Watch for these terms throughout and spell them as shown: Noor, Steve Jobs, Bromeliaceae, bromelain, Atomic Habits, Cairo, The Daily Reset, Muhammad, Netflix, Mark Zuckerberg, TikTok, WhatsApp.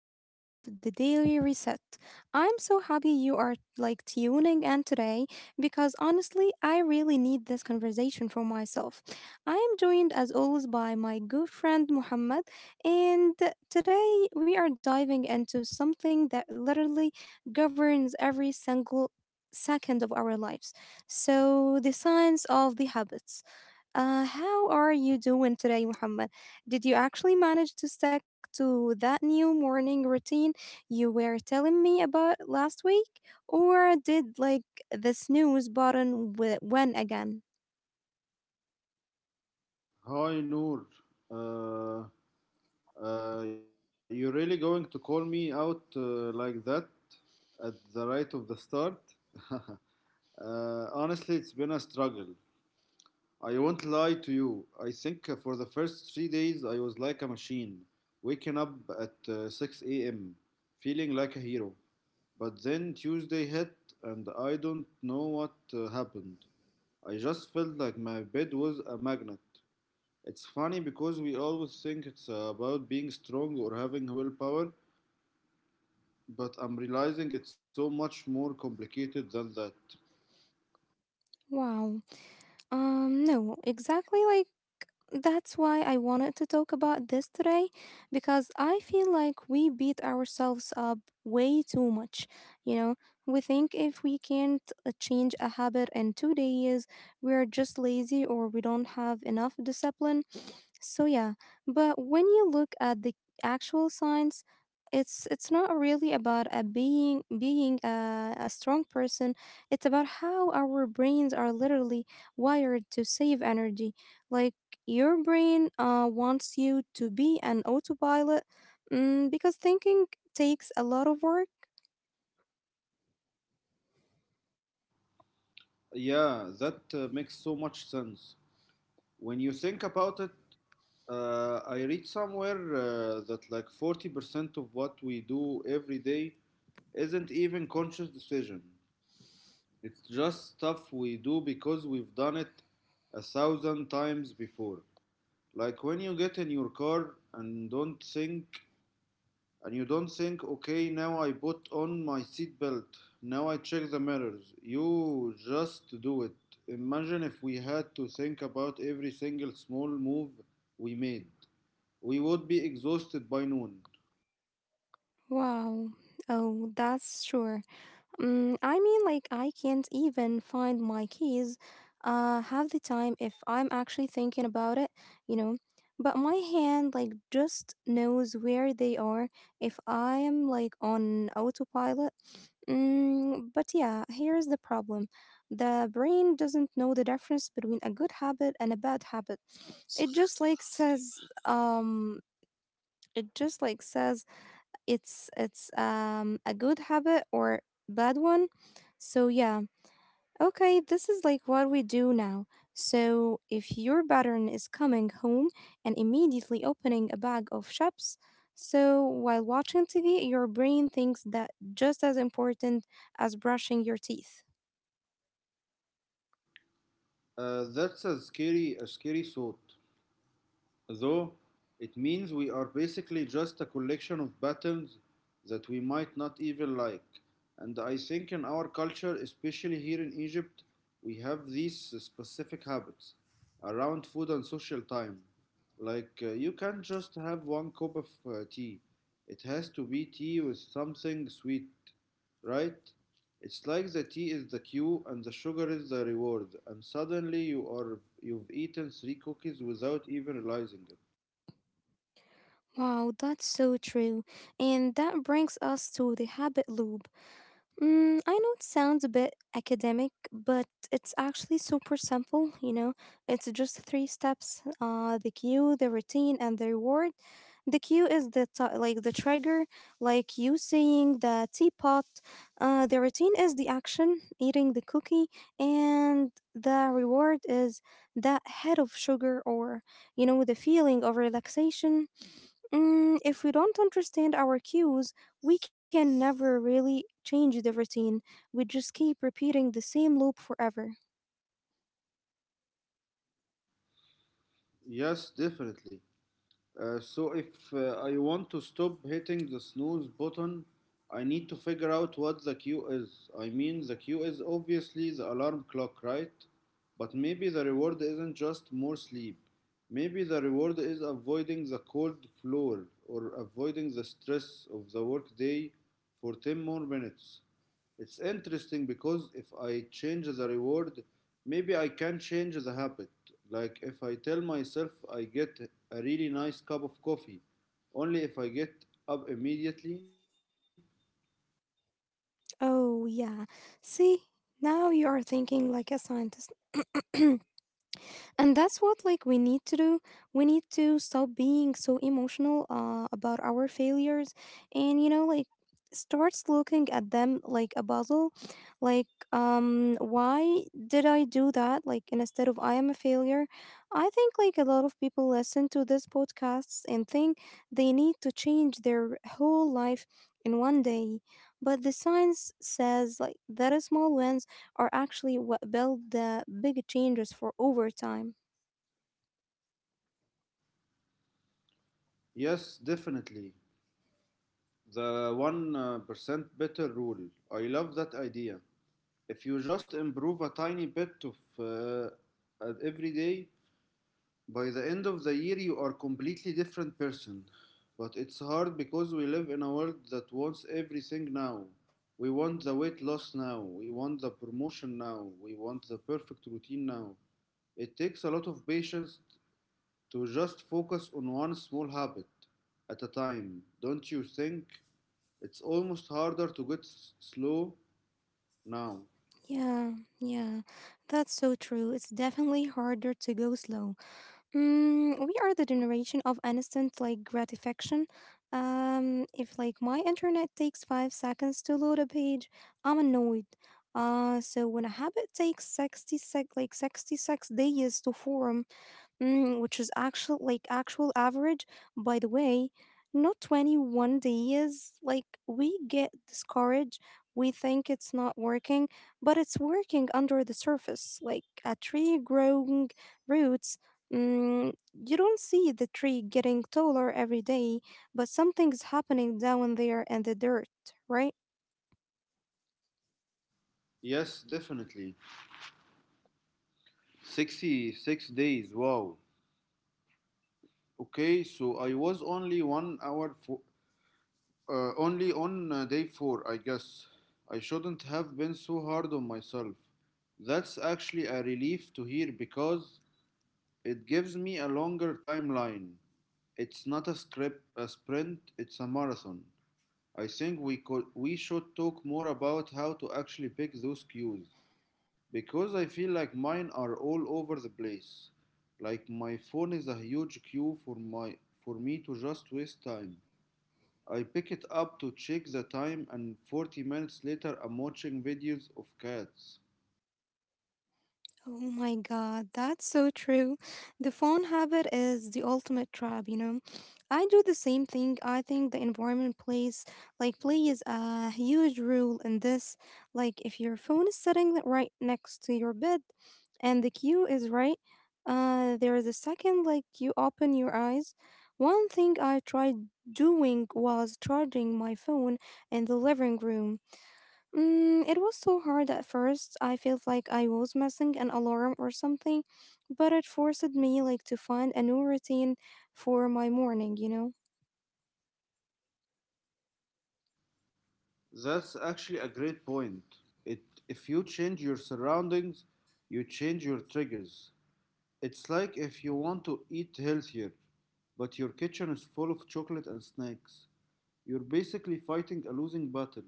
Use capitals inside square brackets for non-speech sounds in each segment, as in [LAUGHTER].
episode of The Daily Reset. I'm so happy you are like tuning in today because honestly, I really need this conversation for myself. I am joined as always by my good friend Muhammad, and today we are diving into something that literally governs every single second of our lives. So, the science of the habits. How are you doing today, Muhammad? Did you actually manage to stick to that new morning routine you were telling me about last week, or did like the snooze button win again? Hi Noor, uh, you're really going to call me out like that at the right of the start? [LAUGHS] Honestly, it's been a struggle. I won't lie to you. I think for the first 3 days I was like a machine, waking up at 6 a.m., feeling like a hero. But then Tuesday hit, and I don't know what happened. I just felt like my bed was a magnet. It's funny because we always think it's about being strong or having willpower, but I'm realizing it's so much more complicated than that. Wow. No, exactly, like that's why I wanted to talk about this today because I feel like we beat ourselves up way too much. You know, we think if we can't change a habit in 2 days, we're just lazy or we don't have enough discipline. So yeah, but when you look at the actual signs, it's not really about a being being a strong person. It's about how our brains are literally wired to save energy. Like your brain wants you to be an autopilot because thinking takes a lot of work. Yeah, that makes so much sense. When you think about it, I read somewhere that like 40% of what we do every day isn't even conscious decision. It's just stuff we do because we've done it 1,000 times before. Like when you get in your car and you don't think, okay, now I put on my seatbelt, now I check the mirrors. You just do it. Imagine if we had to think about every single small move we made. We would be exhausted by noon. Wow. Oh, that's sure. I mean, like, I can't even find my keys half the time if I'm actually thinking about it, you know. But my hand, like, just knows where they are if I am, like, on autopilot. But yeah, here's the problem. The brain doesn't know the difference between a good habit and a bad habit. It just, like, says, um, it just like says it's a good habit or bad one. So, yeah, okay, this is like what we do now. So, if your pattern is coming home and immediately opening a bag of chips, so while watching TV, your brain thinks that just as important as brushing your teeth. That's a scary thought. Though it means we are basically just a collection of patterns that we might not even like. And I think in our culture, especially here in Egypt, we have these specific habits around food and social time. Like, you can't just have one cup of tea. It has to be tea with something sweet, right? It's like the tea is the cue and the sugar is the reward, and suddenly you've eaten three cookies without even realizing it. Wow, that's so true. And that brings us to the habit loop. I know it sounds a bit academic, but it's actually super simple. It's just three steps, the cue, the routine, and the reward. The cue is like the trigger, like you saying the teapot. The routine is the action, eating the cookie, and the reward is that head of sugar or the feeling of relaxation. If we don't understand our cues, we can never really change the routine. We just keep repeating the same loop forever. Yes, definitely. So if I want to stop hitting the snooze button, I need to figure out what the cue is. I mean, the cue is obviously the alarm clock, right? But maybe the reward isn't just more sleep. Maybe the reward is avoiding the cold floor or avoiding the stress of the workday for 10 more minutes. It's interesting because if I change the reward, maybe I can change the habit. Like if I tell myself I get a really nice cup of coffee, only if I get up immediately. Oh, yeah. See, now you are thinking like a scientist. And that's what like we need to do. We need to stop being so emotional about our failures, and you know like starts looking at them like a puzzle, like why did I do that, like instead of I am a failure. I think like a lot of people listen to this podcasts and think they need to change their whole life in one day, but the science says like that small wins are actually what build the big changes for over time. Yes, definitely. The 1% better rule. I love that idea. If you just improve a tiny bit of every day, by the end of the year, you are completely different person. But it's hard because we live in a world that wants everything now. We want the weight loss now. We want the promotion now. We want the perfect routine now. It takes a lot of patience to just focus on one small habit at a time. Don't you think? It's almost harder to get slow now. Yeah, yeah, that's so true. It's definitely harder to go slow. We are the generation of instant like gratification. If like my internet takes 5 seconds to load a page, I'm annoyed. So when a habit takes sixty sec like 66 days to form, which is actual average, by the way, not 21 days, like we get discouraged, we think it's not working, but it's working under the surface like a tree growing roots. You don't see the tree getting taller every day, but something's happening down there in the dirt, right? Yes, definitely. 66 days, wow. Okay, so I was only one hour fo- only on day 4, I guess. I shouldn't have been so hard on myself. That's actually a relief to hear because it gives me a longer timeline. It's not a sprint, it's a marathon. I think we should talk more about how to actually pick those cues because I feel like mine are all over the place. Like my phone is a huge cue for me to just waste time. I pick it up to check the time, and 40 minutes later, I'm watching videos of cats. Oh my god, that's so true. The phone habit is the ultimate trap. I do the same thing. I think the environment plays a huge role in this. Like if your phone is sitting right next to your bed and the queue is right, there is a second like you open your eyes. One thing I tried doing was charging my phone in the living room. It was so hard at first. I felt like I was missing an alarm or something, but it forced me like to find a new routine for my morning, you know? That's actually a great point. It, if you change your surroundings, you change your triggers. It's like if you want to eat healthier, but your kitchen is full of chocolate and snacks. You're basically fighting a losing battle.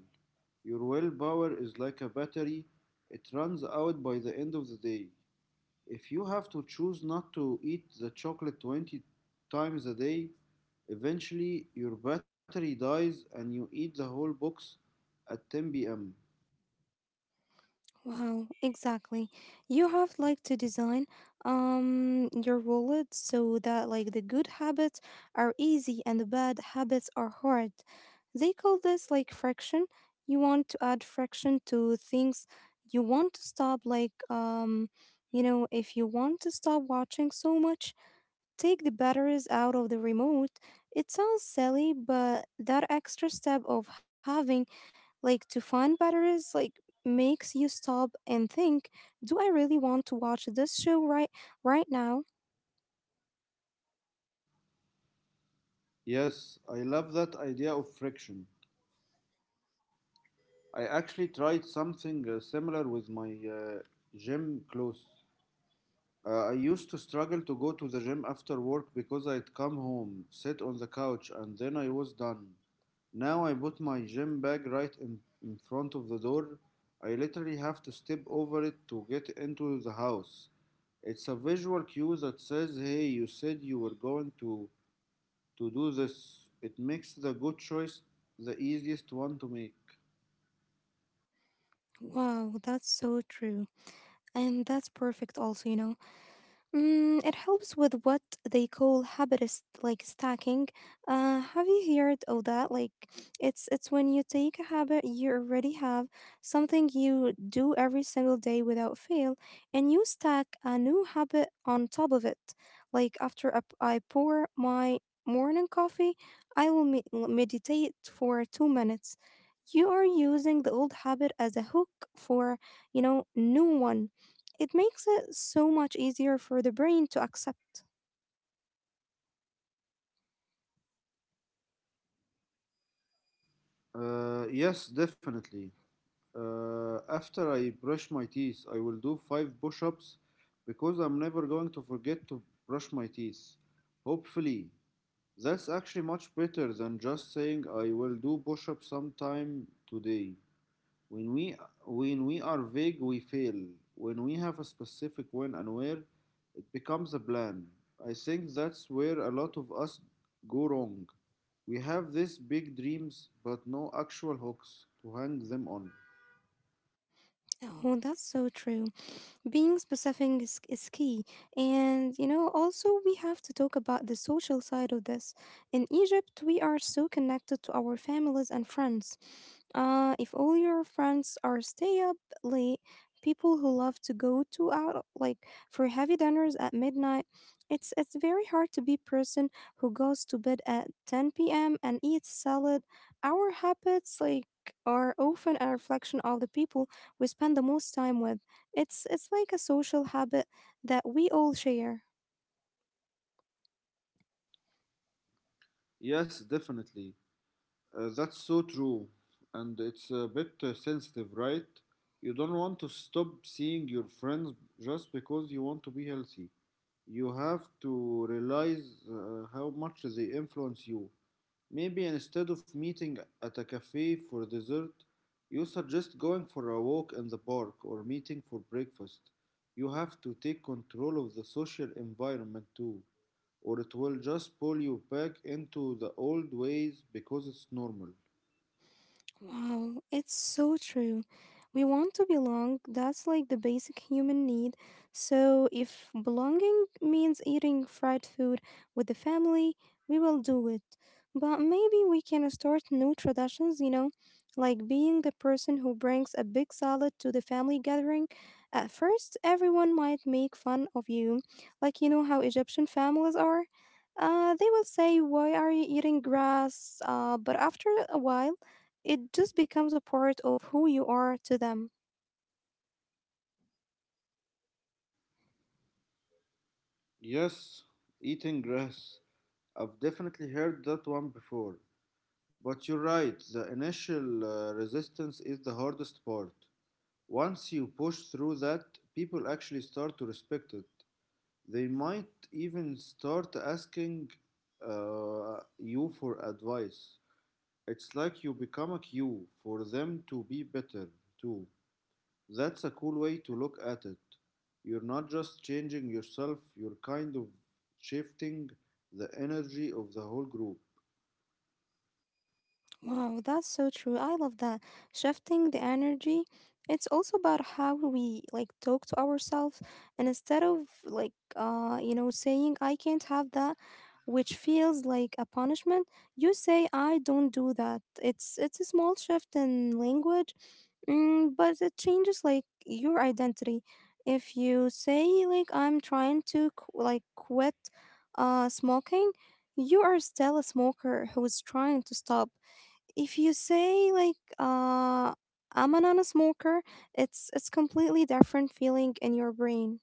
Your willpower is like a battery, it runs out by the end of the day. If you have to choose not to eat the chocolate 20 times a day, eventually your battery dies and you eat the whole box at 10 pm. Wow, exactly. You have like to design your wallet so that like the good habits are easy and the bad habits are hard. They call this like friction. You want to add friction to things. You want to stop like you know if you want to stop watching so much, take the batteries out of the remote. It sounds silly, but that extra step of having like to find batteries like makes you stop and think, do I really want to watch this show right now? Yes, I love that idea of friction. I actually tried something similar with my gym clothes. I used to struggle to go to the gym after work because I'd come home, sit on the couch, and then I was done. Now I put my gym bag right in front of the door. I literally have to step over it to get into the house. It's a visual cue that says, hey, you said you were going to do this. It makes the good choice the easiest one to make. Wow, that's so true. And that's perfect also. It helps with what they call habit is like stacking. Have you heard of that? Like, it's when you take a habit you already have, something you do every single day without fail, and you stack a new habit on top of it. Like after I pour my morning coffee, I will meditate for 2 minutes. You are using the old habit as a hook for new one. It makes it so much easier for the brain to accept. Yes, definitely. After I brush my teeth, I will do five push ups because I'm never going to forget to brush my teeth. Hopefully, that's actually much better than just saying I will do push ups sometime today. When we, when we are vague, we fail. When we have a specific when and where, it becomes a plan. I think that's where a lot of us go wrong. We have these big dreams, but no actual hooks to hang them on. Oh, oh, that's so true. Being specific is key, and also we have to talk about the social side of this. In Egypt we are so connected to our families and friends. If all your friends are stay up late, people who love to go to out like for heavy dinners at midnight, it's very hard to be person who goes to bed at 10 p.m. and eats salad. Our habits like are often a reflection of the people we spend the most time with. It's like a social habit that we all share. Yes, definitely. That's so true. And it's a bit sensitive, right? You don't want to stop seeing your friends just because you want to be healthy. You have to realize how much they influence you. Maybe instead of meeting at a cafe for dessert, you suggest going for a walk in the park or meeting for breakfast. You have to take control of the social environment too, or it will just pull you back into the old ways because it's normal. Wow, it's so true. We want to belong, that's like the basic human need. So, if belonging means eating fried food with the family, we will do it. But maybe we can start new traditions, like being the person who brings a big salad to the family gathering. At first, everyone might make fun of you, like you know how Egyptian families are. They will say, "Why are you eating grass?" But after a while, it just becomes a part of who you are to them. Yes, eating grass. I've definitely heard that one before. But you're right, the initial resistance is the hardest part. Once you push through that, people actually start to respect it. They might even start asking you for advice. It's like you become a cue for them to be better, too. That's a cool way to look at it. You're not just changing yourself, you're kind of shifting the energy of the whole group. Wow, that's so true. I love that. Shifting the energy. It's also about how we like talk to ourselves, and instead of like saying I can't have that, which feels like a punishment, you say I don't do that. It's a small shift in language, but it changes like your identity. If you say like I'm trying to like quit smoking, you are still a smoker who is trying to stop. If you say like I'm a non-smoker, it's completely different feeling in your brain.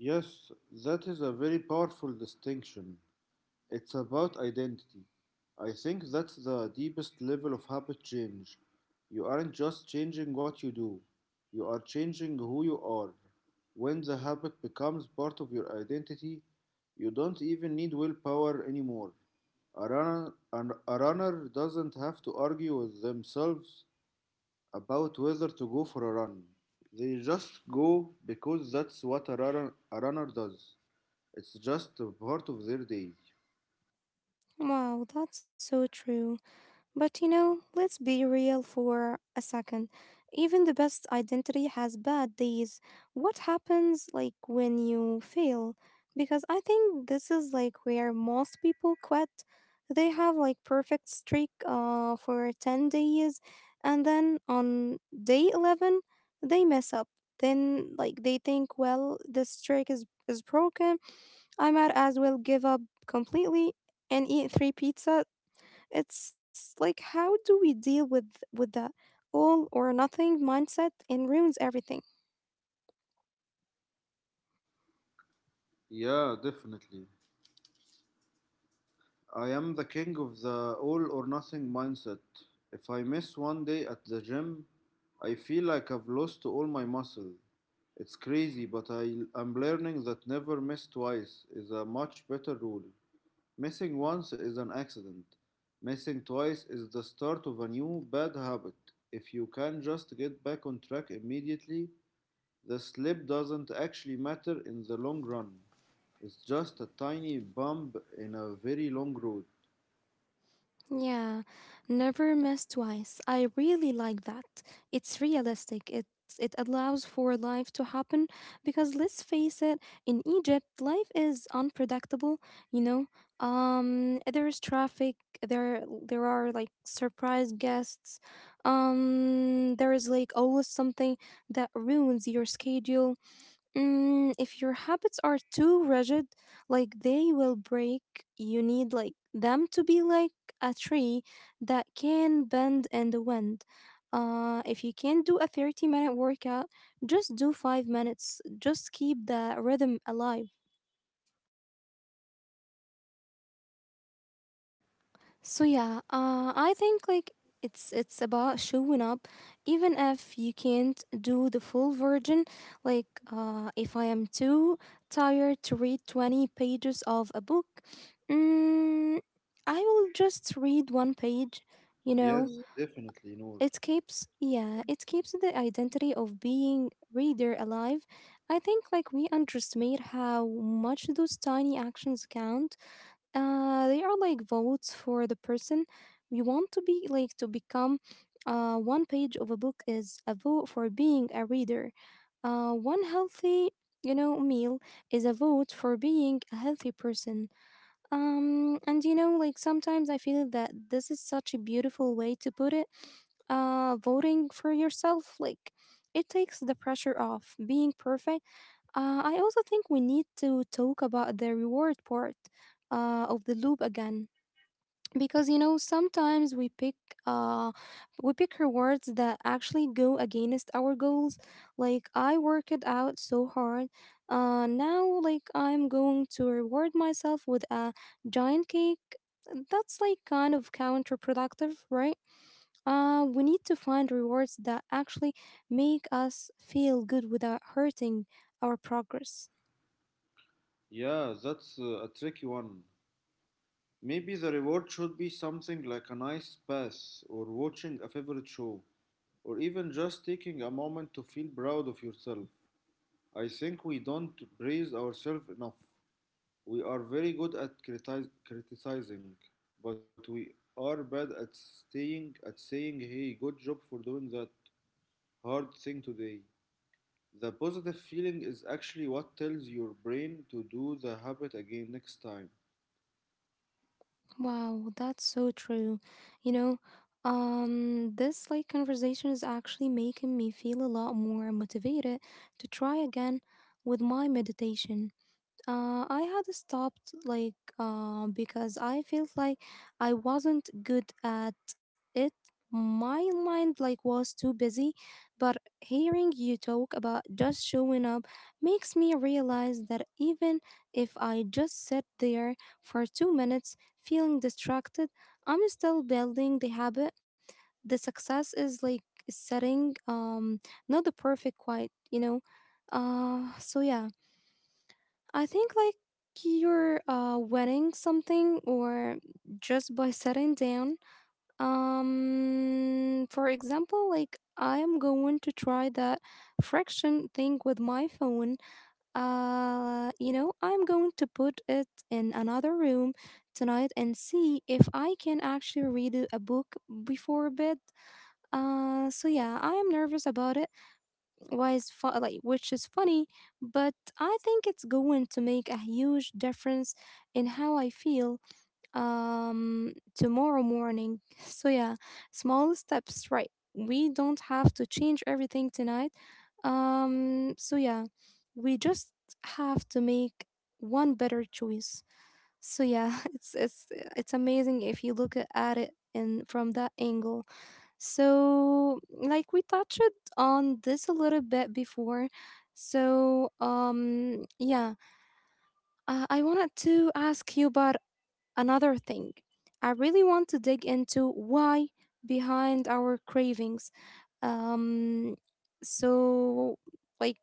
Yes, that is a very powerful distinction. It's about identity. I think that's the deepest level of habit change. You aren't just changing what you do, you are changing who you are. When the habit becomes part of your identity, you don't even need willpower anymore. A runner doesn't have to argue with themselves about whether to go for a run. They just go because that's what a runner does. It's just a part of their day. Wow, that's so true. But you know, let's be real for a second. Even the best identity has bad days. What happens like when you fail? Because I think this is like where most people quit. They have like perfect streak for 10 days and then on day 11 they mess up. Then like they think, well, this streak is broken. I might as well give up completely and eat three pizza. It's like how do we deal with that all or nothing mindset and ruins everything. Yeah, definitely. I am the king of the all or nothing mindset. If I miss one day at the gym, I feel like I've lost all my muscle. It's crazy, but I am learning that never miss twice is a much better rule. Missing once is an accident. Missing twice is the start of a new bad habit. If you can just get back on track immediately, the slip doesn't actually matter in the long run. It's just a tiny bump in a very long road. Yeah, never miss twice. I really like that. It's realistic. It allows for life to happen because let's face it, in Egypt life is unpredictable, you know? There's traffic, there there are like surprise guests. There is like always something that ruins your schedule. If your habits are too rigid, like they will break, you need like them to be like a tree that can bend in the wind. If you can do a 30-minute workout, just do 5 minutes. Just keep the rhythm alive. So yeah, I think like it's about showing up, even if you can't do the full version. Like if I am too tired to read 20 pages of a book, mm, I will just read one page. You know, Yes, definitely, Noor. it keeps yeah, it keeps the identity of being reader alive. I think like we underestimate how much those tiny actions count. They are like votes for the person we want to be like to become. One page of a book is a vote for being a reader. One healthy meal is a vote for being a healthy person. And like sometimes I feel that this is such a beautiful way to put it. Voting for yourself, like it takes the pressure off being perfect. I also think we need to talk about the reward part of the loop again, because you know, sometimes we pick uh we pick rewards that actually go against our goals. Like, I worked out so hard, now, like, I'm going to reward myself with a giant cake. That's like kind of counterproductive, right? We need to find rewards that actually make us feel good without hurting our progress. Yeah, that's a tricky one. Maybe the reward should be something like a nice pass, or watching a favorite show, or even just taking a moment to feel proud of yourself. I think we don't praise ourselves enough. We are very good at criticizing, but we are bad at staying at saying, "Hey, good job for doing that hard thing today." The positive feeling is actually what tells your brain to do the habit again next time. Wow, that's so true. You know, this, like, conversation is actually making me feel a lot more motivated to try again with my meditation. I had stopped, like, because I felt like I wasn't good at it. My mind, like, was too busy, but hearing you talk about just showing up makes me realize that even if I just sit there for 2 minutes feeling distracted, I'm still building the habit. The success is like setting not the perfect quiet, you know. So yeah. I think, like, you're wedding something or just by sitting down. For example, like, I am going to try that friction thing with my phone. You know, I'm going to put it in another room tonight and see if I can actually read a book before bed. So yeah, I am nervous about it, like, which is funny, but I think it's going to make a huge difference in how I feel tomorrow morning. [LAUGHS] So yeah, small steps, right? We don't have to change everything tonight. So yeah, we just have to make one better choice. So yeah, [LAUGHS] it's it's amazing if you at it in from that angle. So, like, we touched on this a little bit before. So um yeah, I wanted to ask you about another thing. I really want to dig into why behind our cravings. Um so like,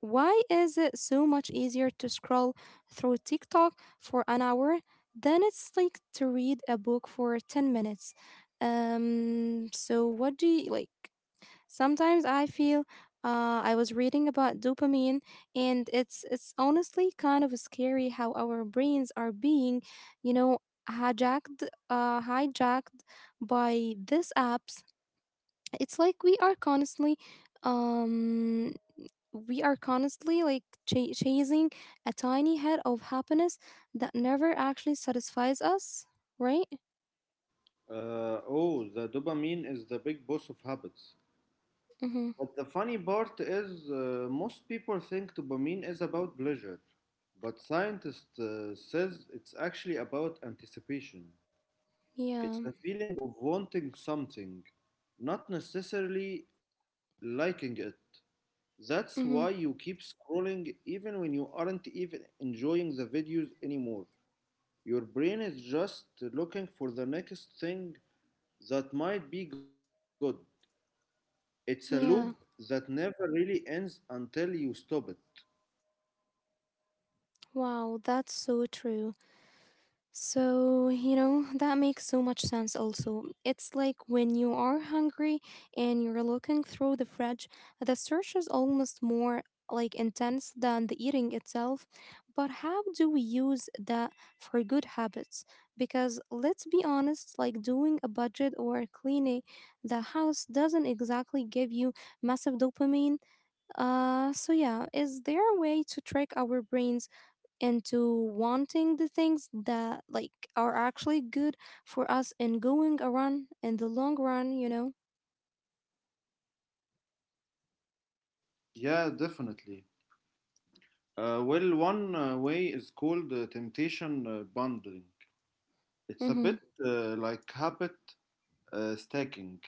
why is it so much easier to scroll through TikTok for an hour than it's like to read a book for 10 minutes? So what do you like? Sometimes I feel, I was reading about dopamine, and it's honestly kind of scary how our brains are being, you know, hijacked by these apps. It's like we are constantly um we are constantly, like, chasing a tiny head of happiness that never actually satisfies us, right? Oh, the dopamine is the big boss of habits. Mm-hmm. But the funny part is, most people think dopamine is about pleasure, but scientists says it's actually about anticipation. It's Yeah. the feeling of wanting something, not necessarily liking it. That's why you Mm-hmm. keep scrolling even when you aren't even enjoying the videos anymore. Your brain is just looking for the next thing that might be good. It's a loop that Yeah. never really ends until you stop it. Wow, that's so true. So, you know, that makes so much sense also. It's like when you are hungry and you're looking through the fridge, the search is almost more like intense than the eating itself. But how do we use that for good habits? Because let's be honest, like, doing a budget or cleaning the house doesn't exactly give you massive dopamine. So yeah, is there a way to trick our brains into wanting the things that, like, are actually good for us and going around in the long run, you know? Yeah, definitely. Well, one way is called temptation bundling. It's a Mm-hmm. bit like habit stacking,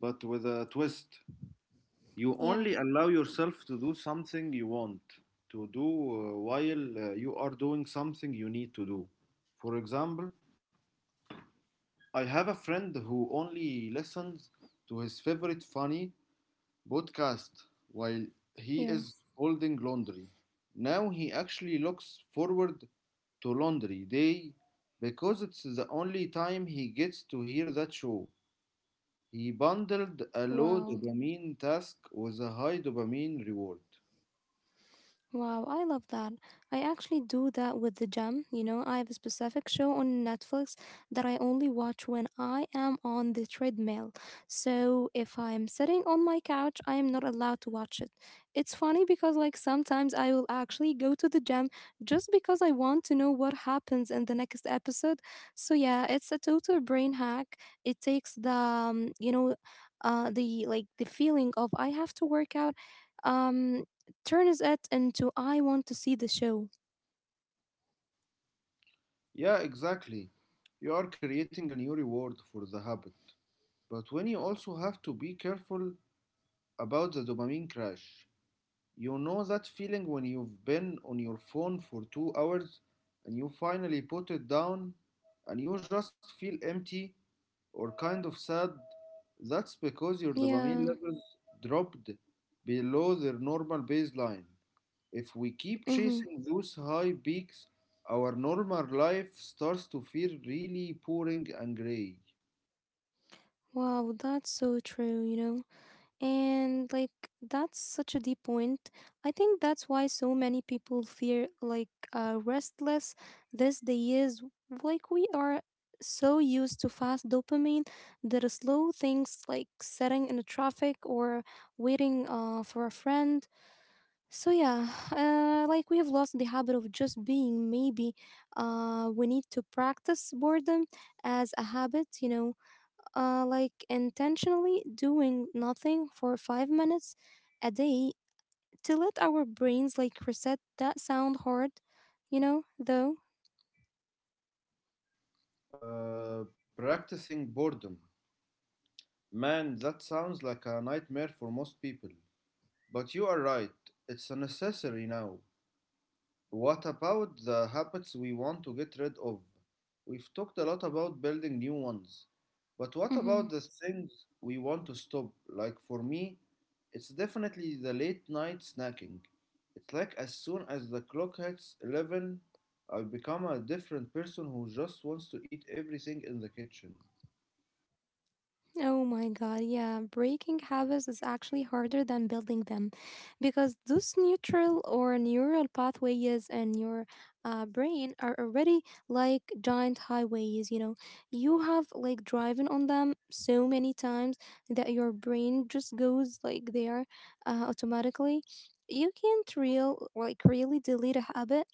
but with a twist. You Yeah. only allow yourself to do something you want to do while you are doing something you need to do. For example, I have a friend who only listens to his favorite funny podcast while he Yeah. is folding laundry. Now he actually looks forward to laundry day because it's the only time he gets to hear that show. He bundled a low Wow. dopamine task with a high dopamine reward. Wow, I love that. I actually do that with the gym. You know, I have a specific show on Netflix that I only watch when I am on the treadmill. So if I'm sitting on my couch, I am not allowed to watch it. It's funny because, like, sometimes I will actually go to the gym just because I want to know what happens in the next episode. So yeah, it's a total brain hack. It takes the, the, like, the feeling of I have to work out, um turns it into I want to see the show. Yeah, exactly. You are creating a new reward for the habit. But when you also have to be careful about the dopamine crash. You know that feeling when you've been on your phone for 2 hours and you finally put it down and you just feel empty or kind of sad? That's because your Yeah. dopamine levels dropped below their normal baseline. If we keep Hmm. chasing those high peaks, our normal life starts to feel really boring and gray. Wow, that's so true, you know? And, like, that's such a deep point. I think that's why so many people feel like, restless these days. Like, we are so used to fast dopamine that slow things like sitting in the traffic or waiting for a friend. Like, we have lost the habit of just being. Maybe we need to practice boredom as a habit. You know, like intentionally doing nothing for 5 minutes a day to let our brains, like, reset. That sound hard, you know, though. Practicing boredom. Man, that sounds like a nightmare for most people. But you are right, it's a necessary now. What about the habits we want to get rid of? We've talked a lot about building new ones, but what Mm-hmm. about the things we want to stop? Like for me, it's definitely the late night snacking. It's like as soon as the clock hits 11, I become a different person who just wants to eat everything in the kitchen. Oh my god, yeah. Breaking habits is actually harder than building them because those neutral or neural pathways in your brain are already like giant highways, you know. You have, like, driven on them so many times that your brain just goes like there automatically. You can't really delete a habit.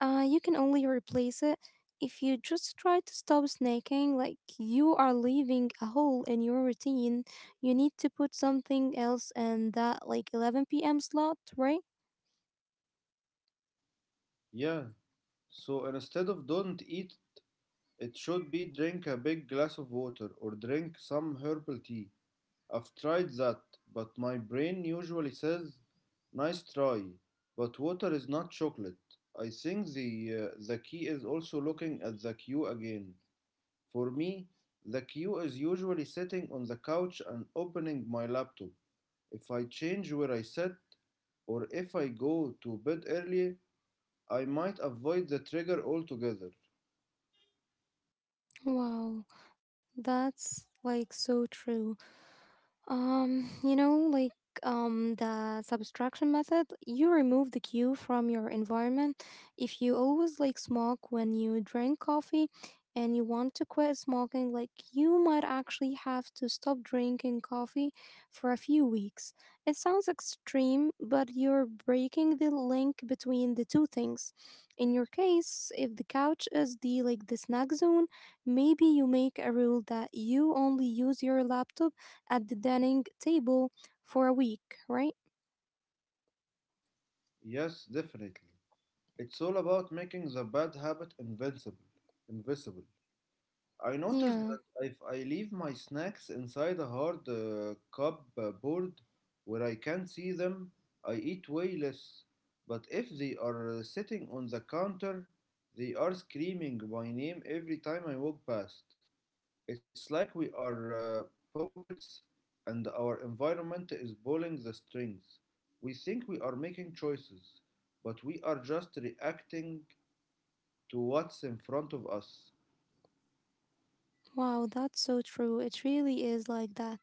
You can only replace it. If you just try to stop snacking, like, you are leaving a hole in your routine. You need to put something else in that like 11 p.m. slot, right? Yeah, so instead of don't eat, it should be drink a big glass of water or drink some herbal tea. I've tried that, but my brain usually says, nice try, but water is not chocolate. I think the key is also looking at the queue again. For me, the queue is usually sitting on the couch and opening my laptop. If I change where I sit, or if I go to bed early, I might avoid the trigger altogether. Wow, that's, like, so true. Um, you know, like the subtraction method, you remove the cue from your environment. If you always, like, smoke when you drink coffee and you want to quit smoking, like, you might actually have to stop drinking coffee for a few weeks. It sounds extreme, but you're breaking the link between the two things. In your case, if the couch is the like the snack zone, maybe you make a rule that you only use your laptop at the dining table for a week, right? Yes, definitely. It's all about making the bad habit invincible. Invisible. I noticed that Yeah. if I leave my snacks inside a hard cupboard where I can't see them, I eat way less. But if they are sitting on the counter, they are screaming my name every time I walk past. It's like we are puppets and our environment is pulling the strings. We think we are making choices, but we are just reacting to what's in front of us. Wow, that's so true. It really is like that.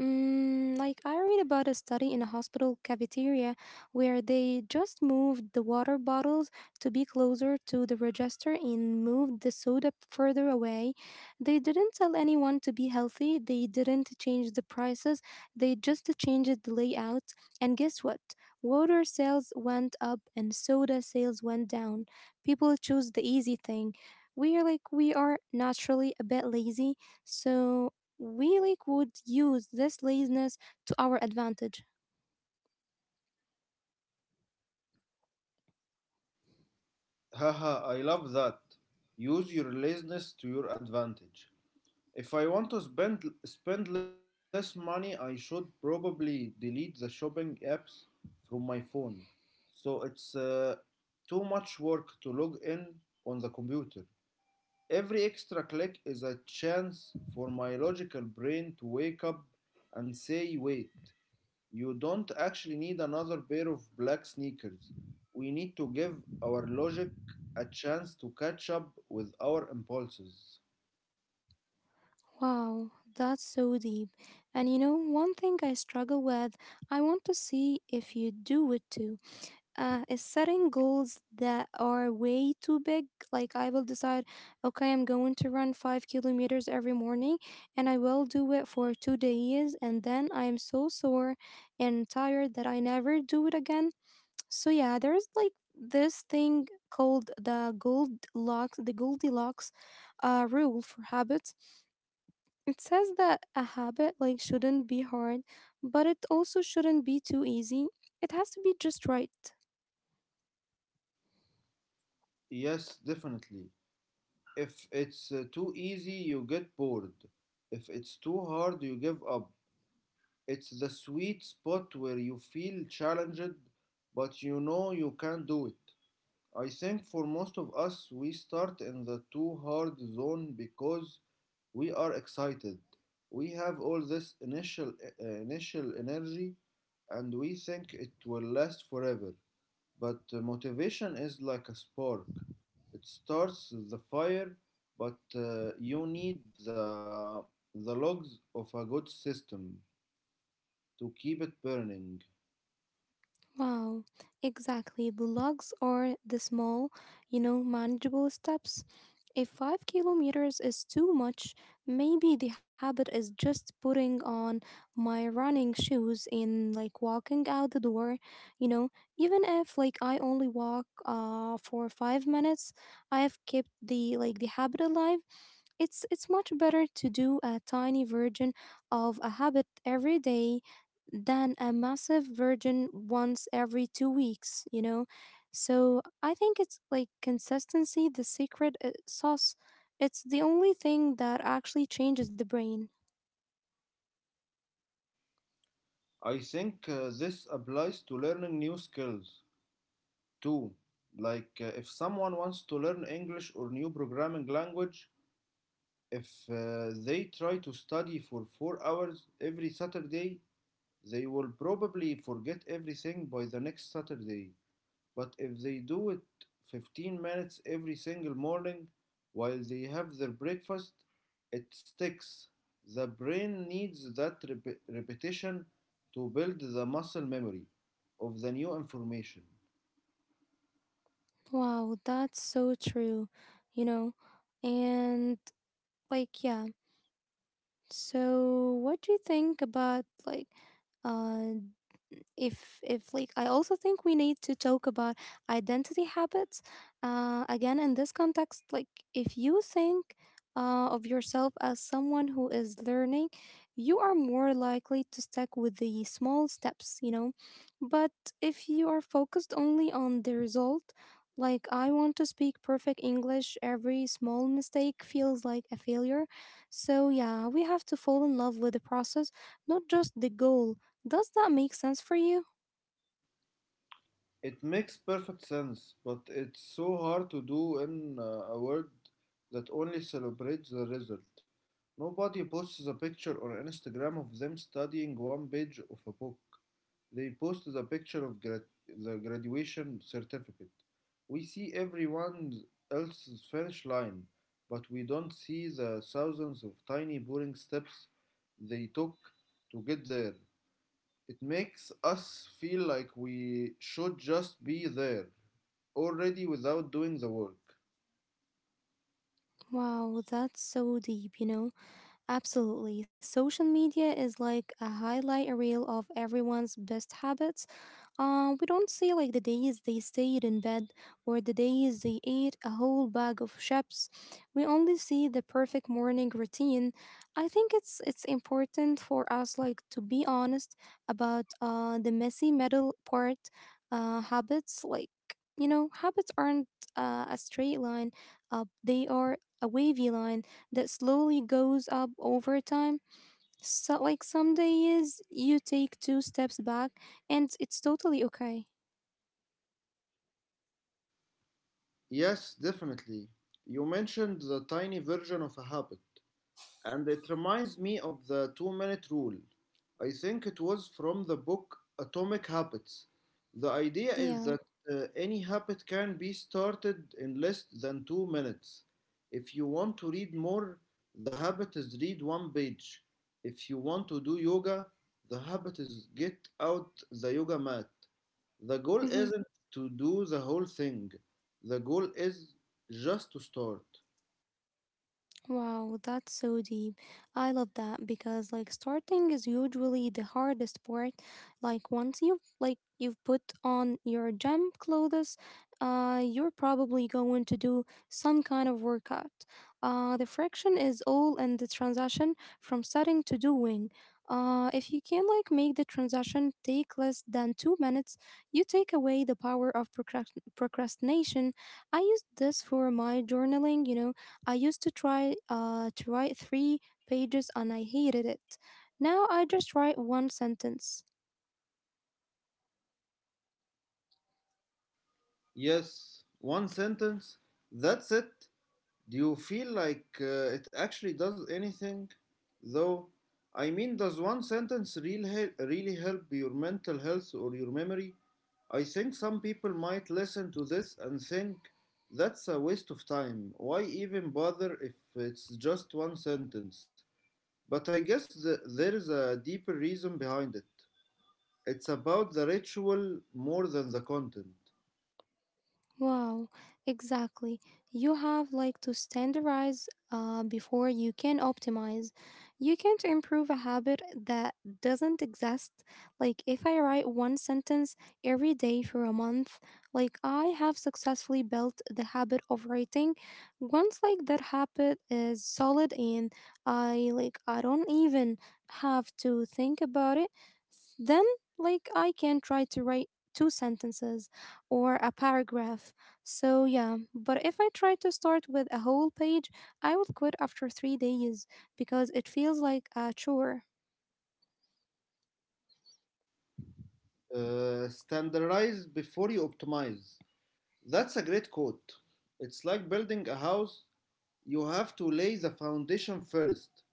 Mm, like, I read about a study in a hospital cafeteria where they just moved the water bottles to be closer to the register and moved the soda further away. They didn't tell anyone to be healthy, they didn't change the prices, they just changed the layout. And guess what? Water sales went up and soda sales went down. People choose the easy thing. We are, like, we are naturally a bit lazy, so we, like, would use this laziness to our advantage. Haha, I love that. Use your laziness to your advantage. If I want to spend less money, I should probably delete the shopping apps from my phone. So it's too much work to log in on the computer. Every extra click is a chance for my logical brain to wake up and say, wait, you don't actually need another pair of black sneakers. We need to give our logic a chance to catch up with our impulses. Wow, that's so deep. And, you know, one thing I struggle with, I want to see if you do it too, is setting goals that are way too big. Like, I will decide, okay, I'm going to run 5 kilometers every morning, and I will do it for 2 days, and then I am so sore and tired that I never do it again. So yeah, there's like this thing called the Goldilocks rule for habits. It says that a habit, like, shouldn't be hard, but it also shouldn't be too easy. It has to be just right. Yes, definitely. If it's too easy, you get bored. If it's too hard, you give up. It's the sweet spot where you feel challenged, but you know you can do it. I think for most of us, we start in the too hard zone because we are excited. We have all this initial energy and we think it will last forever. But motivation is like a spark. It starts the fire, but you need the the logs of a good system to keep it burning. Wow, exactly. The logs are the small, you know, manageable steps. If 5 kilometers is too much, maybe the habit is just putting on my running shoes and, like, walking out the door, you know, even if, like, I only walk for 5 minutes, I've kept the habit alive. It's much better to do a tiny version of a habit every day than a massive version once every 2 weeks, you know. So I think it's like consistency, the secret sauce. It's the only thing that actually changes the brain. I think this applies to learning new skills, Two, like if someone wants to learn English or new programming language, if they try to study for 4 hours every Saturday, they will probably forget everything by the next Saturday. But if they do it 15 minutes every single morning while they have their breakfast, it sticks. The brain needs that repetition to build the muscle memory of the new information. Wow, that's so true, you know? And, like, yeah. So what do you think about, like, uh if I also think we need to talk about identity habits again in this context. Like, if you think of yourself as someone who is learning, you are more likely to stick with the small steps, you know. But if you are focused only on the result, like, I want to speak perfect English, every small mistake feels like a failure. So yeah, we have to fall in love with the process, not just the goal. Does that make sense for you? It makes perfect sense, but it's so hard to do in a world that only celebrates the result. Nobody posts a picture on Instagram of them studying one page of a book. They post the picture of the graduation certificate. We see everyone else's finish line, but we don't see the thousands of tiny boring steps they took to get there. It makes us feel like we should just be there already without doing the work. Wow, that's so deep, you know? Absolutely. Social media is like a highlight reel of everyone's best habits. We don't see like the days they stayed in bed or the days they ate a whole bag of chips. We only see the perfect morning routine. I think it's important for us, like, to be honest about the messy metal part habits. Like, you know, habits aren't a straight line up, they are a wavy line that slowly goes up over time. So, like, some days you take two steps back, and it's totally okay. Yes, definitely. You mentioned the tiny version of a habit, and it reminds me of the two-minute rule. I think it was from the book Atomic Habits. The idea is Yeah. that any habit can be started in less than 2 minutes. If you want to read more, the habit is read one page. If you want to do yoga, the habit is get out the yoga mat. The goal Hmm. isn't to do the whole thing, the goal is just to start. Wow, that's so deep. I love that because, like, starting is usually the hardest part. Like, once you've put on your gym clothes, you're probably going to do some kind of workout. Uh, the friction is all in the transition from setting to doing. Uh, if you can, like, make the transition take less than 2 minutes, you take away the power of procrastination. I used this for my journaling, you know. I used to try to write three pages, and I hated it. Now I just write one sentence. Yes, one sentence. That's it. Do you feel like it actually does anything? Though, I mean, does one sentence really help your mental health or your memory? I think some people might listen to this and think that's a waste of time. Why even bother if it's just one sentence? But I guess there is a deeper reason behind it. It's about the ritual more than the content. Wow, exactly. You have, like, to standardize before you can optimize. You can't improve a habit that doesn't exist. Like if I write one sentence every day for a month, like I have successfully built the habit of writing. Once like that habit is solid and I don't even have to think about it, then like I can try to write two sentences or a paragraph. So, yeah, but if I try to start with a whole page, I will quit after 3 days because it feels like a chore. Standardize before you optimize. That's a great quote. It's like building a house. You have to lay the foundation first.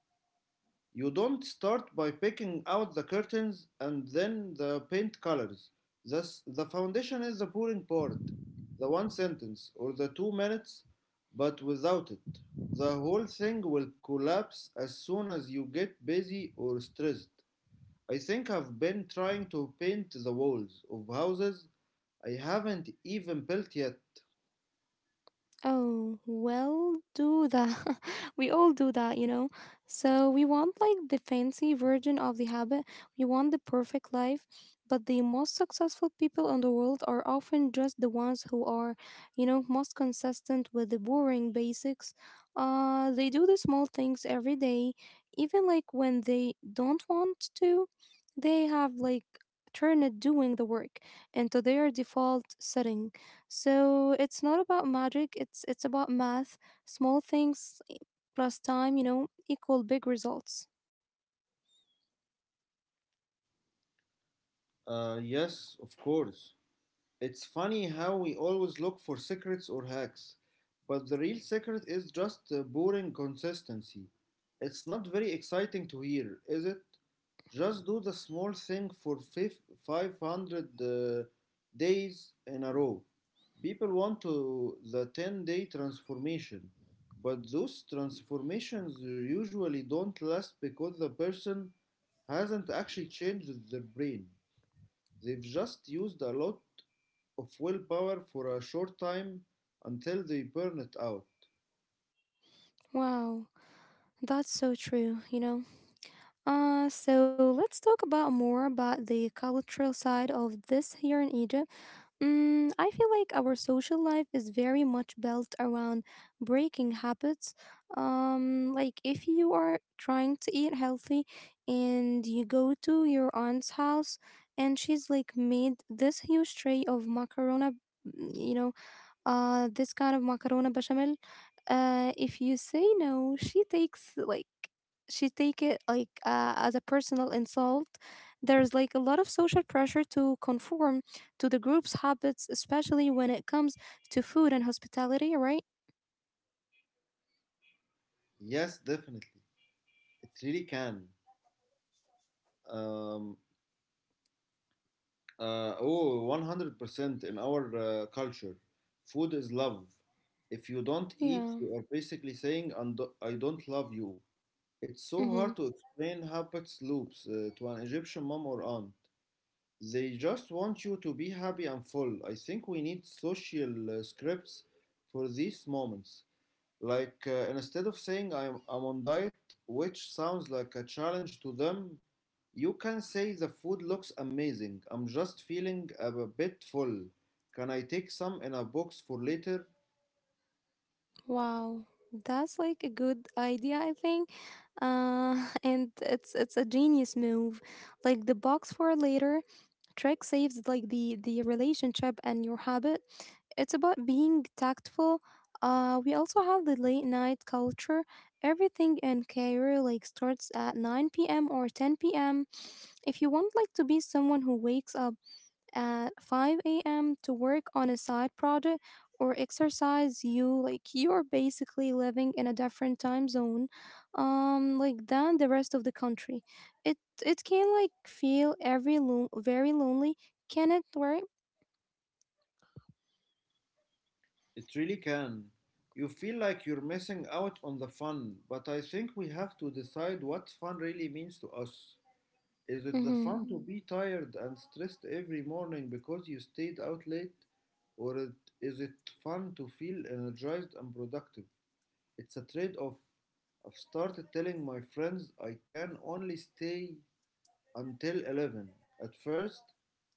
You don't start by picking out the curtains and then the paint colors. Thus, the foundation is the boring part, the one sentence or the 2 minutes, but without it, the whole thing will collapse as soon as you get busy or stressed. I think I've been trying to paint the walls of houses I haven't even built yet. Oh, well, do that. [LAUGHS] We all do that. So we want like the fancy version of the habit. We want the perfect life, but the most successful people in the world are often just the ones who are, most consistent with the boring basics. They do the small things every day, even like when they don't want to. They have like turned doing the work into their default setting. So it's not about magic, it's about math. Small things plus time equal big results. Yes, of course. It's funny how we always look for secrets or hacks, but the real secret is just boring consistency. It's not very exciting to hear, is it? Just do the small thing for 500 days in a row. People want to the 10-day transformation, but those transformations usually don't last because the person hasn't actually changed their brain. They've just used a lot of willpower for a short time until they burn it out. Wow, that's so true. So let's talk about more about the cultural side of this here in Egypt. I feel like our social life is very much built around breaking habits. Like if you are trying to eat healthy and you go to your aunt's house and she's like made this huge tray of macarona, you know, this kind of macarona bechamel. If you say no, she takes like she take it like as a personal insult. There's like a lot of social pressure to conform to the group's habits, especially when it comes to food and hospitality, right? Yes, definitely. It really can. Um, oh, 100% in our culture. Food is love. If you don't eat, Yeah. you are basically saying, "And I don't love you." It's so Mm-hmm. hard to explain how pets loops to an Egyptian mom or aunt. They just want you to be happy and full. I think we need social scripts for these moments. Like instead of saying I'm on diet, which sounds like a challenge to them, you can say the food looks amazing. I'm just feeling a bit full. Can I take some in a box for later? Wow. That's like a good idea, I think. [LAUGHS] And it's a genius move. Like the box for later trick saves like the relationship and your habit. It's about being tactful. We also have the late night culture. Everything in Cairo like starts at 9 p.m. or 10 p.m. If you want like to be someone who wakes up at 5 a.m. to work on a side project or exercise, you're basically living in a different time zone, like than the rest of the country. It can like feel very lonely, can it? Right? It really can. You feel like you're missing out on the fun, but I think we have to decide what fun really means to us. Is it the Mm-hmm. fun to be tired and stressed every morning because you stayed out late? Or it, is it fun to feel energized and productive? It's a trade off. I've started telling my friends I can only stay until 11. At first,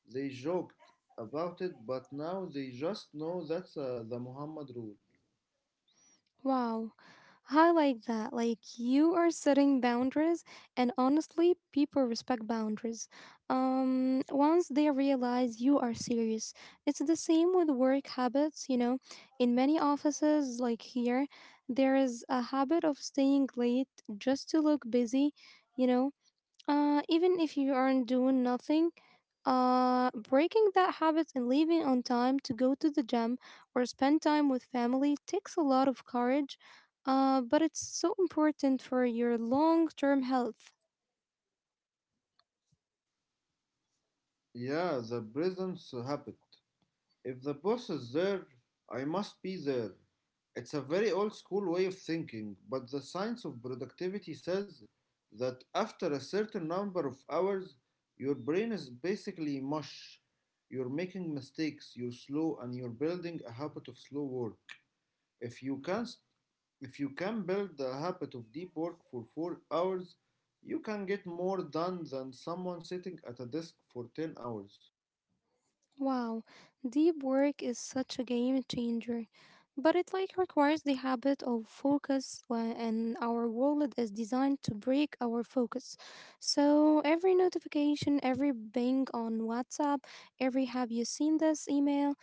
they joked about it, but now they just know that's the Muhammad rule. Wow, I like that. Like you are setting boundaries, and honestly, people respect boundaries. Once they realize you are serious, it's the same with work habits. You know, in many offices, like here, there is a habit of staying late just to look busy. You know, even if you aren't doing nothing, breaking that habit and leaving on time to go to the gym or spend time with family takes a lot of courage, but it's so important for your long term health. Yeah, the presence habit. If the boss is there, I must be there. It's a very old school way of thinking, but the science of productivity says that after a certain number of hours, your brain is basically mush. You're making mistakes, you're slow, and you're building a habit of slow work. If you can, if you can build the habit of deep work for 4 hours, you can get more done than someone sitting at a desk for 10 hours. Wow, deep work is such a game changer, but it like requires the habit of focus and our wallet is designed to break our focus. So every notification, every bing on WhatsApp, every have you seen this email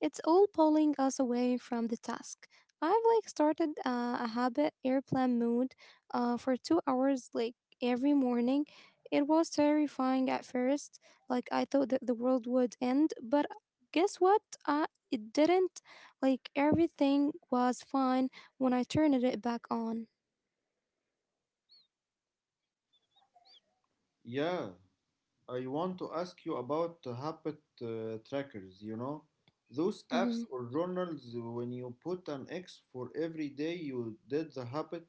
it's all pulling us away from the task. I've like started a habit airplane mode for 2 hours like every morning. It was terrifying at first. Like I thought that the world would end, but guess what? It didn't. Like everything was fine when I turned it back on. Yeah, I want to ask you about the habit trackers, you know, those apps Mhm. or journals when you put an X for every day you did the habit.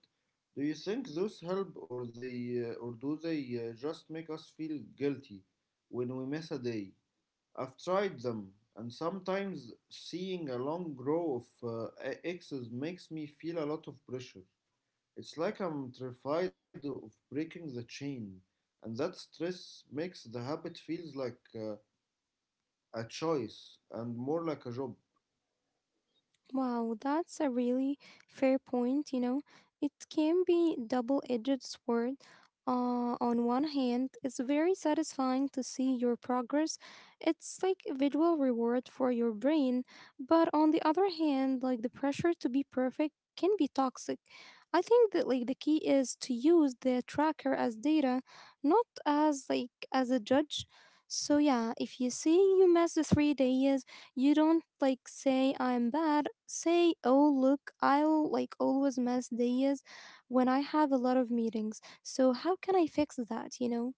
Do you think those help or do they just make us feel guilty when we miss a day? I've tried them and sometimes seeing a long row of X's makes me feel a lot of pressure. It's like I'm terrified of breaking the chain, and that stress makes the habit feels like a choice and more like a job. Wow, that's a really fair point. It can be double-edged sword. On one hand, it's very satisfying to see your progress. It's like a visual reward for your brain, but on the other hand, like the pressure to be perfect can be toxic. I think that like the key is to use the tracker as data, not as like as a judge. So yeah, if you see you mess the 3 days you don't like say I'm bad. Say, oh look, I'll like always miss days when I have a lot of meetings. So how can I fix that?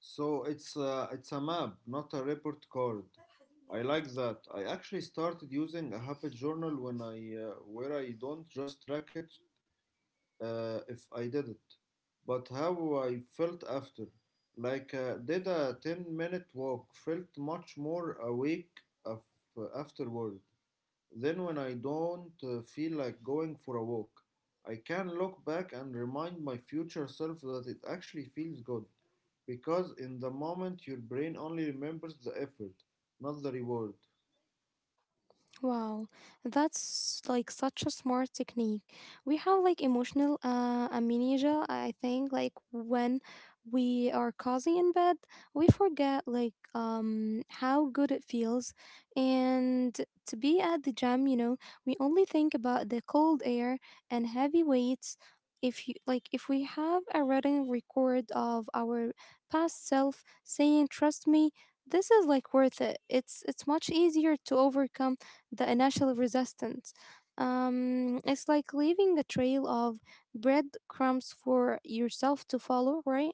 So it's a map, not a report card. I like that. I actually started using a habit journal when I where I don't just track it if I did it, but how I felt after. Like did a 10-minute walk felt much more awake afterward. Then, when I don't feel like going for a walk, I can look back and remind my future self that it actually feels good. Because in the moment, your brain only remembers the effort, not the reward. Wow, that's like such a smart technique. We have like emotional amnesia, I think, like when we are cozy in bed, we forget like how good it feels. And to be at the gym, we only think about the cold air and heavy weights. If you like if we have a written record of our past self saying, "Trust me, this is like worth it." It's much easier to overcome the initial resistance. It's like leaving a trail of breadcrumbs for yourself to follow, right?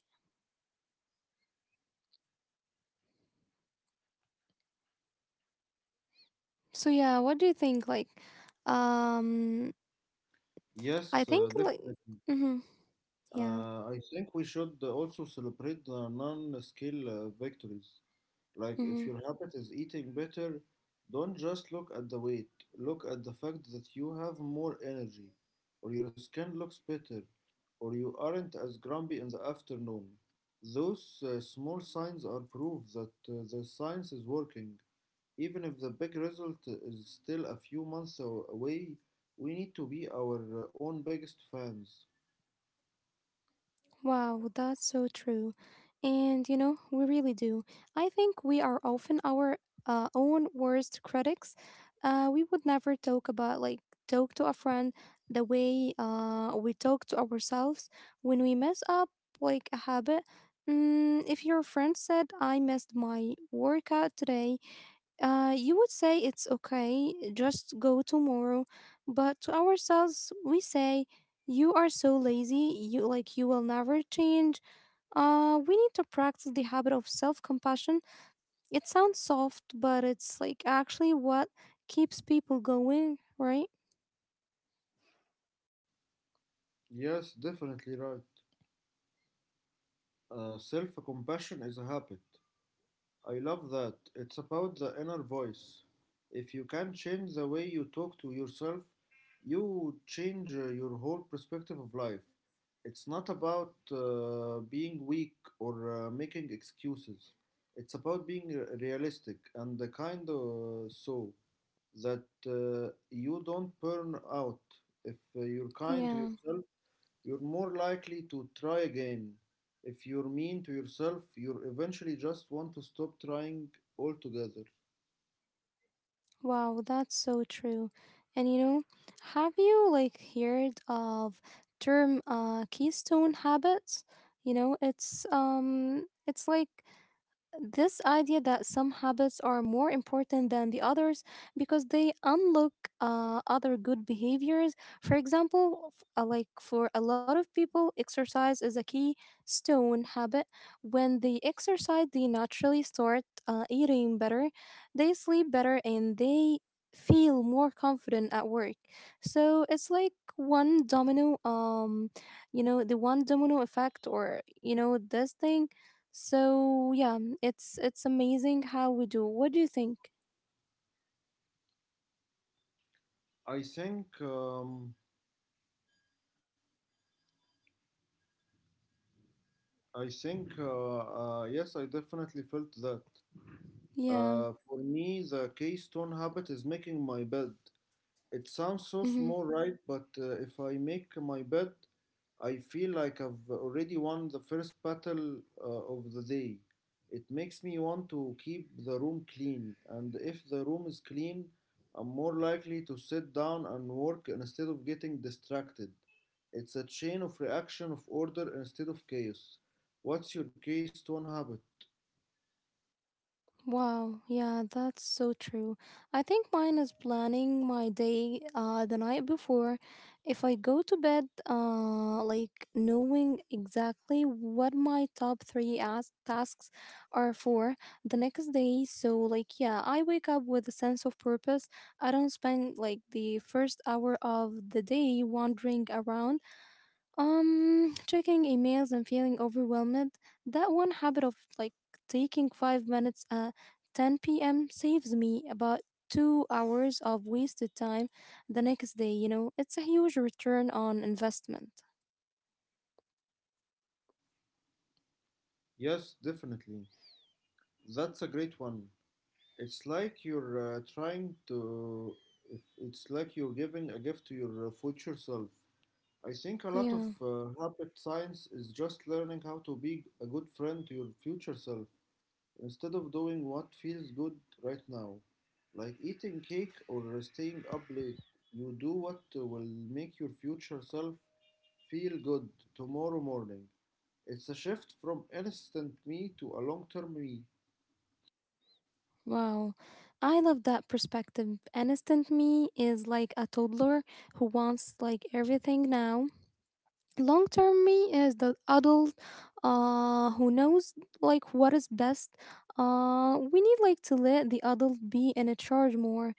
So yeah, what do you think? Like, um, Yes, I uh, think like, definitely. mm-hmm, yeah, I think we should also celebrate the non skill victories. Like, if mm-hmm. your habit is eating better, don't just look at the weight. Look at the fact that you have more energy, or your skin looks better, or you aren't as grumpy in the afternoon. Those small signs are proof that the science is working. Even if the big result is still a few months away, we need to be our own biggest fans. Wow, that's so true. And we really do. I think we are often our own worst critics. We would never talk to a friend the way we talk to ourselves when we mess up, like, a habit. If your friend said, I missed my workout today, you would say it's okay, just go tomorrow. But to ourselves, we say, you are so lazy, you will never change. We need to practice the habit of self-compassion. It sounds soft, but it's like actually what keeps people going, right? Yes, definitely right. Self compassion is a habit. I love that. It's about the inner voice. If you can change the way you talk to yourself, you change your whole perspective of life. It's not about being weak or making excuses. It's about being realistic and the kind so that you don't burn out. If you're kind to Yeah. yourself, you're more likely to try again. If you're mean to yourself, you'll eventually just want to stop trying altogether. Wow, that's so true. And have you like heard of term keystone habits? It's like this idea that some habits are more important than the others because they unlock other good behaviors. For example, like for a lot of people, exercise is a key stone habit. When they exercise, they naturally start eating better, they sleep better, and they feel more confident at work. So it's like one domino, you know, the one domino effect, or this thing so yeah, it's amazing how we do. What do you think? I think, um, I think, uh, yes, I definitely felt that. Yeah. For me, the keystone habit is making my bed. It sounds so Hmm. small, right? But if I make my bed, I feel like I've already won the first battle of the day. It makes me want to keep the room clean, and if the room is clean, I'm more likely to sit down and work instead of getting distracted. It's a chain of reaction of order instead of chaos. What's your case, stone habit? Wow. Yeah, that's so true. I think mine is planning my day the night before. If I go to bed like knowing exactly what my top three tasks are for the next day, so like yeah, I wake up with a sense of purpose. I don't spend like the first hour of the day wandering around, checking emails and feeling overwhelmed. That one habit of like taking 5 minutes at 10 p.m. saves me about 2 hours of wasted time the next day. It's a huge return on investment. Yes, definitely. That's a great one. It's like you're trying to, if it's like you're giving a gift to your future self. I think a lot of Yeah, habit science is just learning how to be a good friend to your future self instead of doing what feels good right now, like eating cake or staying up late. You do what will make your future self feel good tomorrow morning. It's a shift from instant me to a long term me. wow. I love that perspective. Innocent me is like a toddler who wants like everything now. Long term me is the adult who knows like what is best. We need like to let the adult be in a charge more,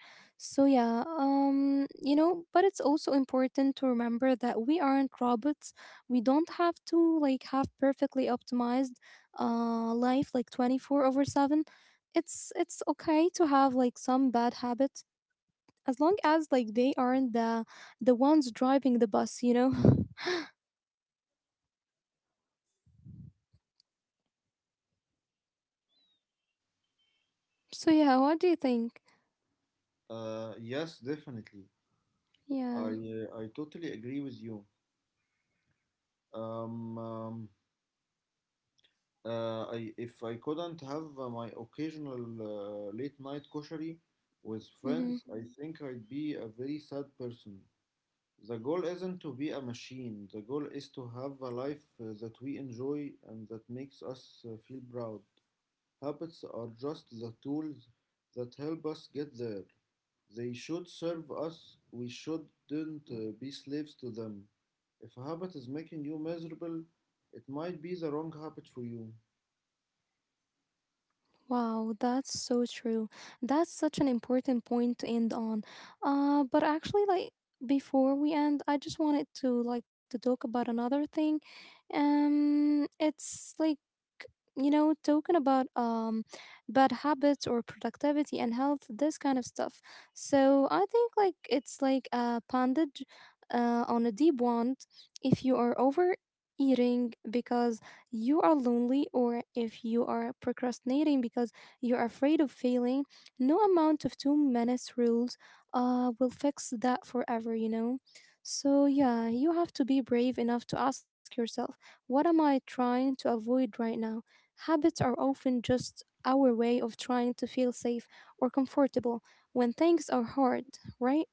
so yeah, but it's also important to remember that we aren't robots. We don't have to like have perfectly optimized life like 24 over 7. It's okay to have like some bad habits as long as like they aren't the ones driving the bus [LAUGHS] So yeah, what do you think? Yes, definitely. I Yeah. uh, I totally agree with you. Um, um, I if I couldn't have my occasional late night koshari with Hmm. friends, I think I'd be a very sad person. The goal isn't to be a machine. The goal is to have a life that we enjoy and that makes us feel proud. Habits are just the tools that help us get there. They should serve us, we shouldn't be slaves to them. If a habit is making you miserable, it might be the wrong habit for you. Wow, that's so true. That's such an important point to end on. But actually, like before we end, I just wanted to like to talk about another thing. It's like talking about bad habits or productivity and health, this kind of stuff. So I think like it's like a bandage, on a deep wound. If you are overeating because you are lonely or if you are procrastinating because you're afraid of failing, no amount of 2 minutes rules will fix that forever? So, yeah, you have to be brave enough to ask yourself, what am I trying to avoid right now? Habits are often just our way of trying to feel safe or comfortable when things are hard, right?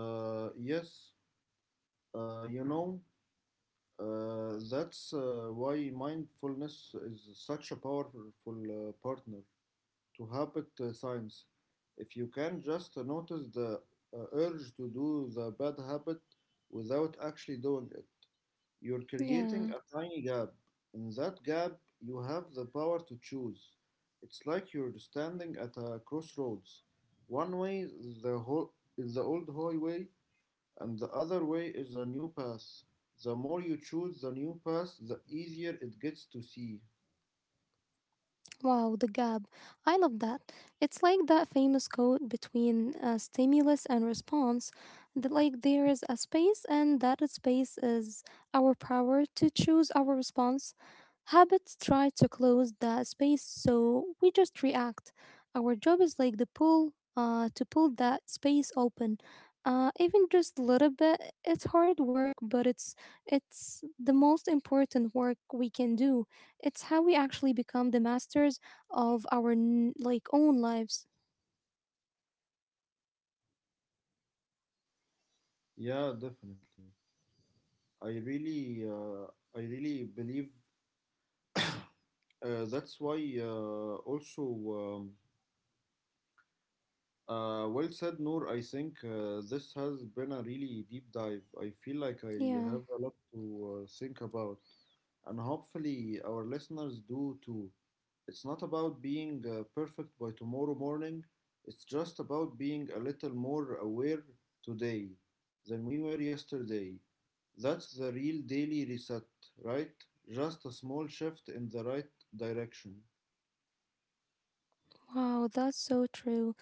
Uh, yes, uh, you know, that's why mindfulness is such a powerful partner to habit science. If you can just notice the urge to do the bad habit without actually doing it, you're creating Yeah. a tiny gap. In that gap, you have the power to choose. It's like you're standing at a crossroads. One way is the old highway, and the other way is a new path. The more you choose the new path, the easier it gets to see. Wow, the gap. I love that. It's like that famous quote between stimulus and response that, like, there is a space, and that space is our power to choose our response. Habits try to close that space, so we just react. Our job is like to pull that space open. Even just a little bit, it's hard work, but it's the most important work we can do. It's how we actually become the masters of our own lives. Yeah, definitely. I really, uh, I really believe that's why also. Um, well said, Noor. I think this has been a really deep dive. I feel like I Yeah. have a lot to think about, and hopefully, our listeners do too. It's not about being perfect by tomorrow morning, it's just about being a little more aware today than we were yesterday. That's the real daily reset, right? Just a small shift in the right direction. Wow, that's so true.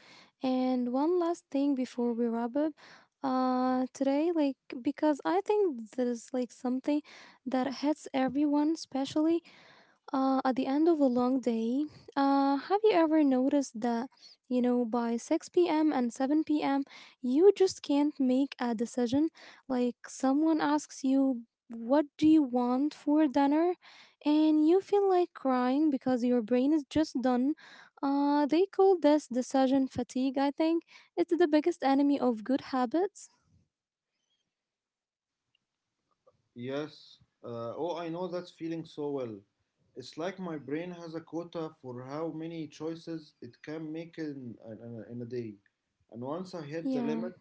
And one last thing before we wrap up today like because I think there's like something that hits everyone especially, at the end of a long day, have you ever noticed that, by 6 p.m. and 7 p.m., you just can't make a decision? Like, someone asks you, what do you want for dinner? And you feel like crying because your brain is just done. They call this decision fatigue, I think. It's the biggest enemy of good habits. Yes. Oh, I know that feeling so well. It's like my brain has a quota for how many choices it can make in a day. And once I hit the Yeah. limit,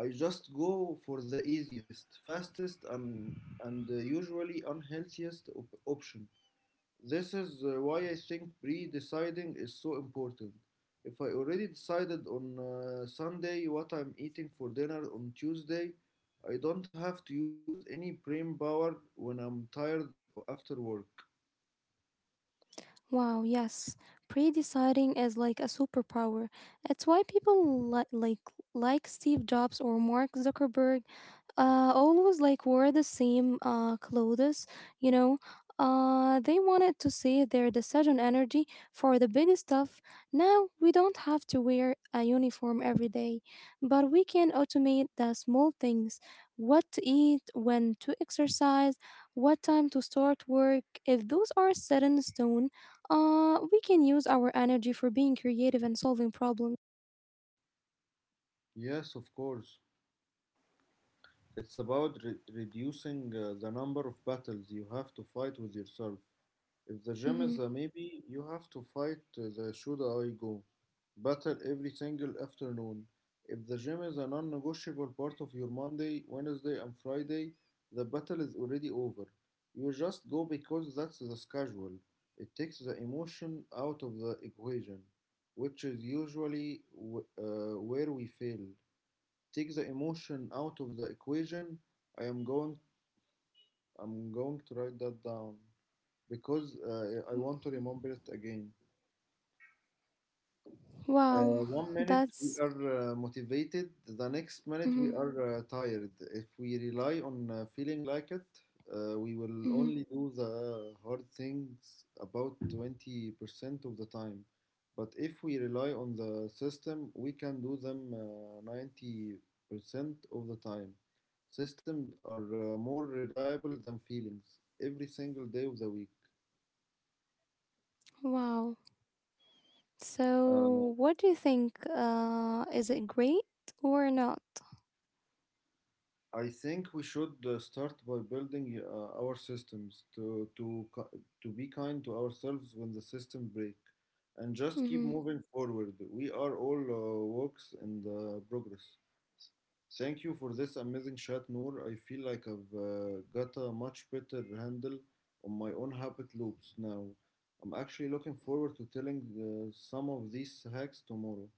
I just go for the easiest, fastest, and usually option. This is why I think pre deciding is so important. If I already decided on Sunday what I'm eating for dinner on Tuesday, I don't have to use any brain power when I'm tired after work. Wow, yes. Pre-deciding is like a superpower. It's why people like Steve Jobs or Mark Zuckerberg always like wore the same clothes, you know. They wanted to save their decision energy for the big stuff. Now we don't have to wear a uniform every day, but we can automate the small things: what to eat, when to exercise, what time to start work. If those are set in stone, we can use our energy for being creative and solving problems. Yes, of course. It's about reducing the number of battles you have to fight with yourself. If the gym Hmm. is a maybe, you have to fight the should I go battle every single afternoon. If the gym is a non negotiable part of your Monday, Wednesday, and Friday, the battle is already over. You just go because that's the schedule. It takes the emotion out of the equation, which is usually where we fail. Take the emotion out of the equation. I am going I'm going to write that down because I want to remember it again. Wow, One minute we that's. are motivated, the next minute we hmm are tired. If we rely on feeling like it, we will hmm only do the hard things about 20% of the time. But if we rely on the system, we can do them 90% of the time. Systems are more reliable than feelings every single day of the week. Wow. So, what do you think? Is it great or not? I think we should start by building our systems to be kind to ourselves when the system break and just keep Hmm. moving forward. We are all works in the progress. Thank you for this amazing chat, Noor. I feel like I've got a much better handle on my own habit loops now. I'm actually looking forward to telling some of these hacks tomorrow.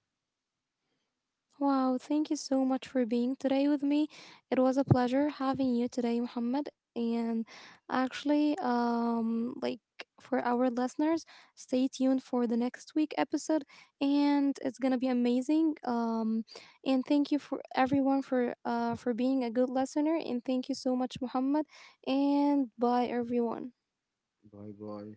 Wow, thank you so much for being today with me. It was a pleasure having you today, Muhammad. And actually, like for our listeners, stay tuned for the next week episode, and it's gonna be amazing. And thank you for everyone for being a good listener, and thank you so much, Muhammad. And bye, everyone. Bye bye.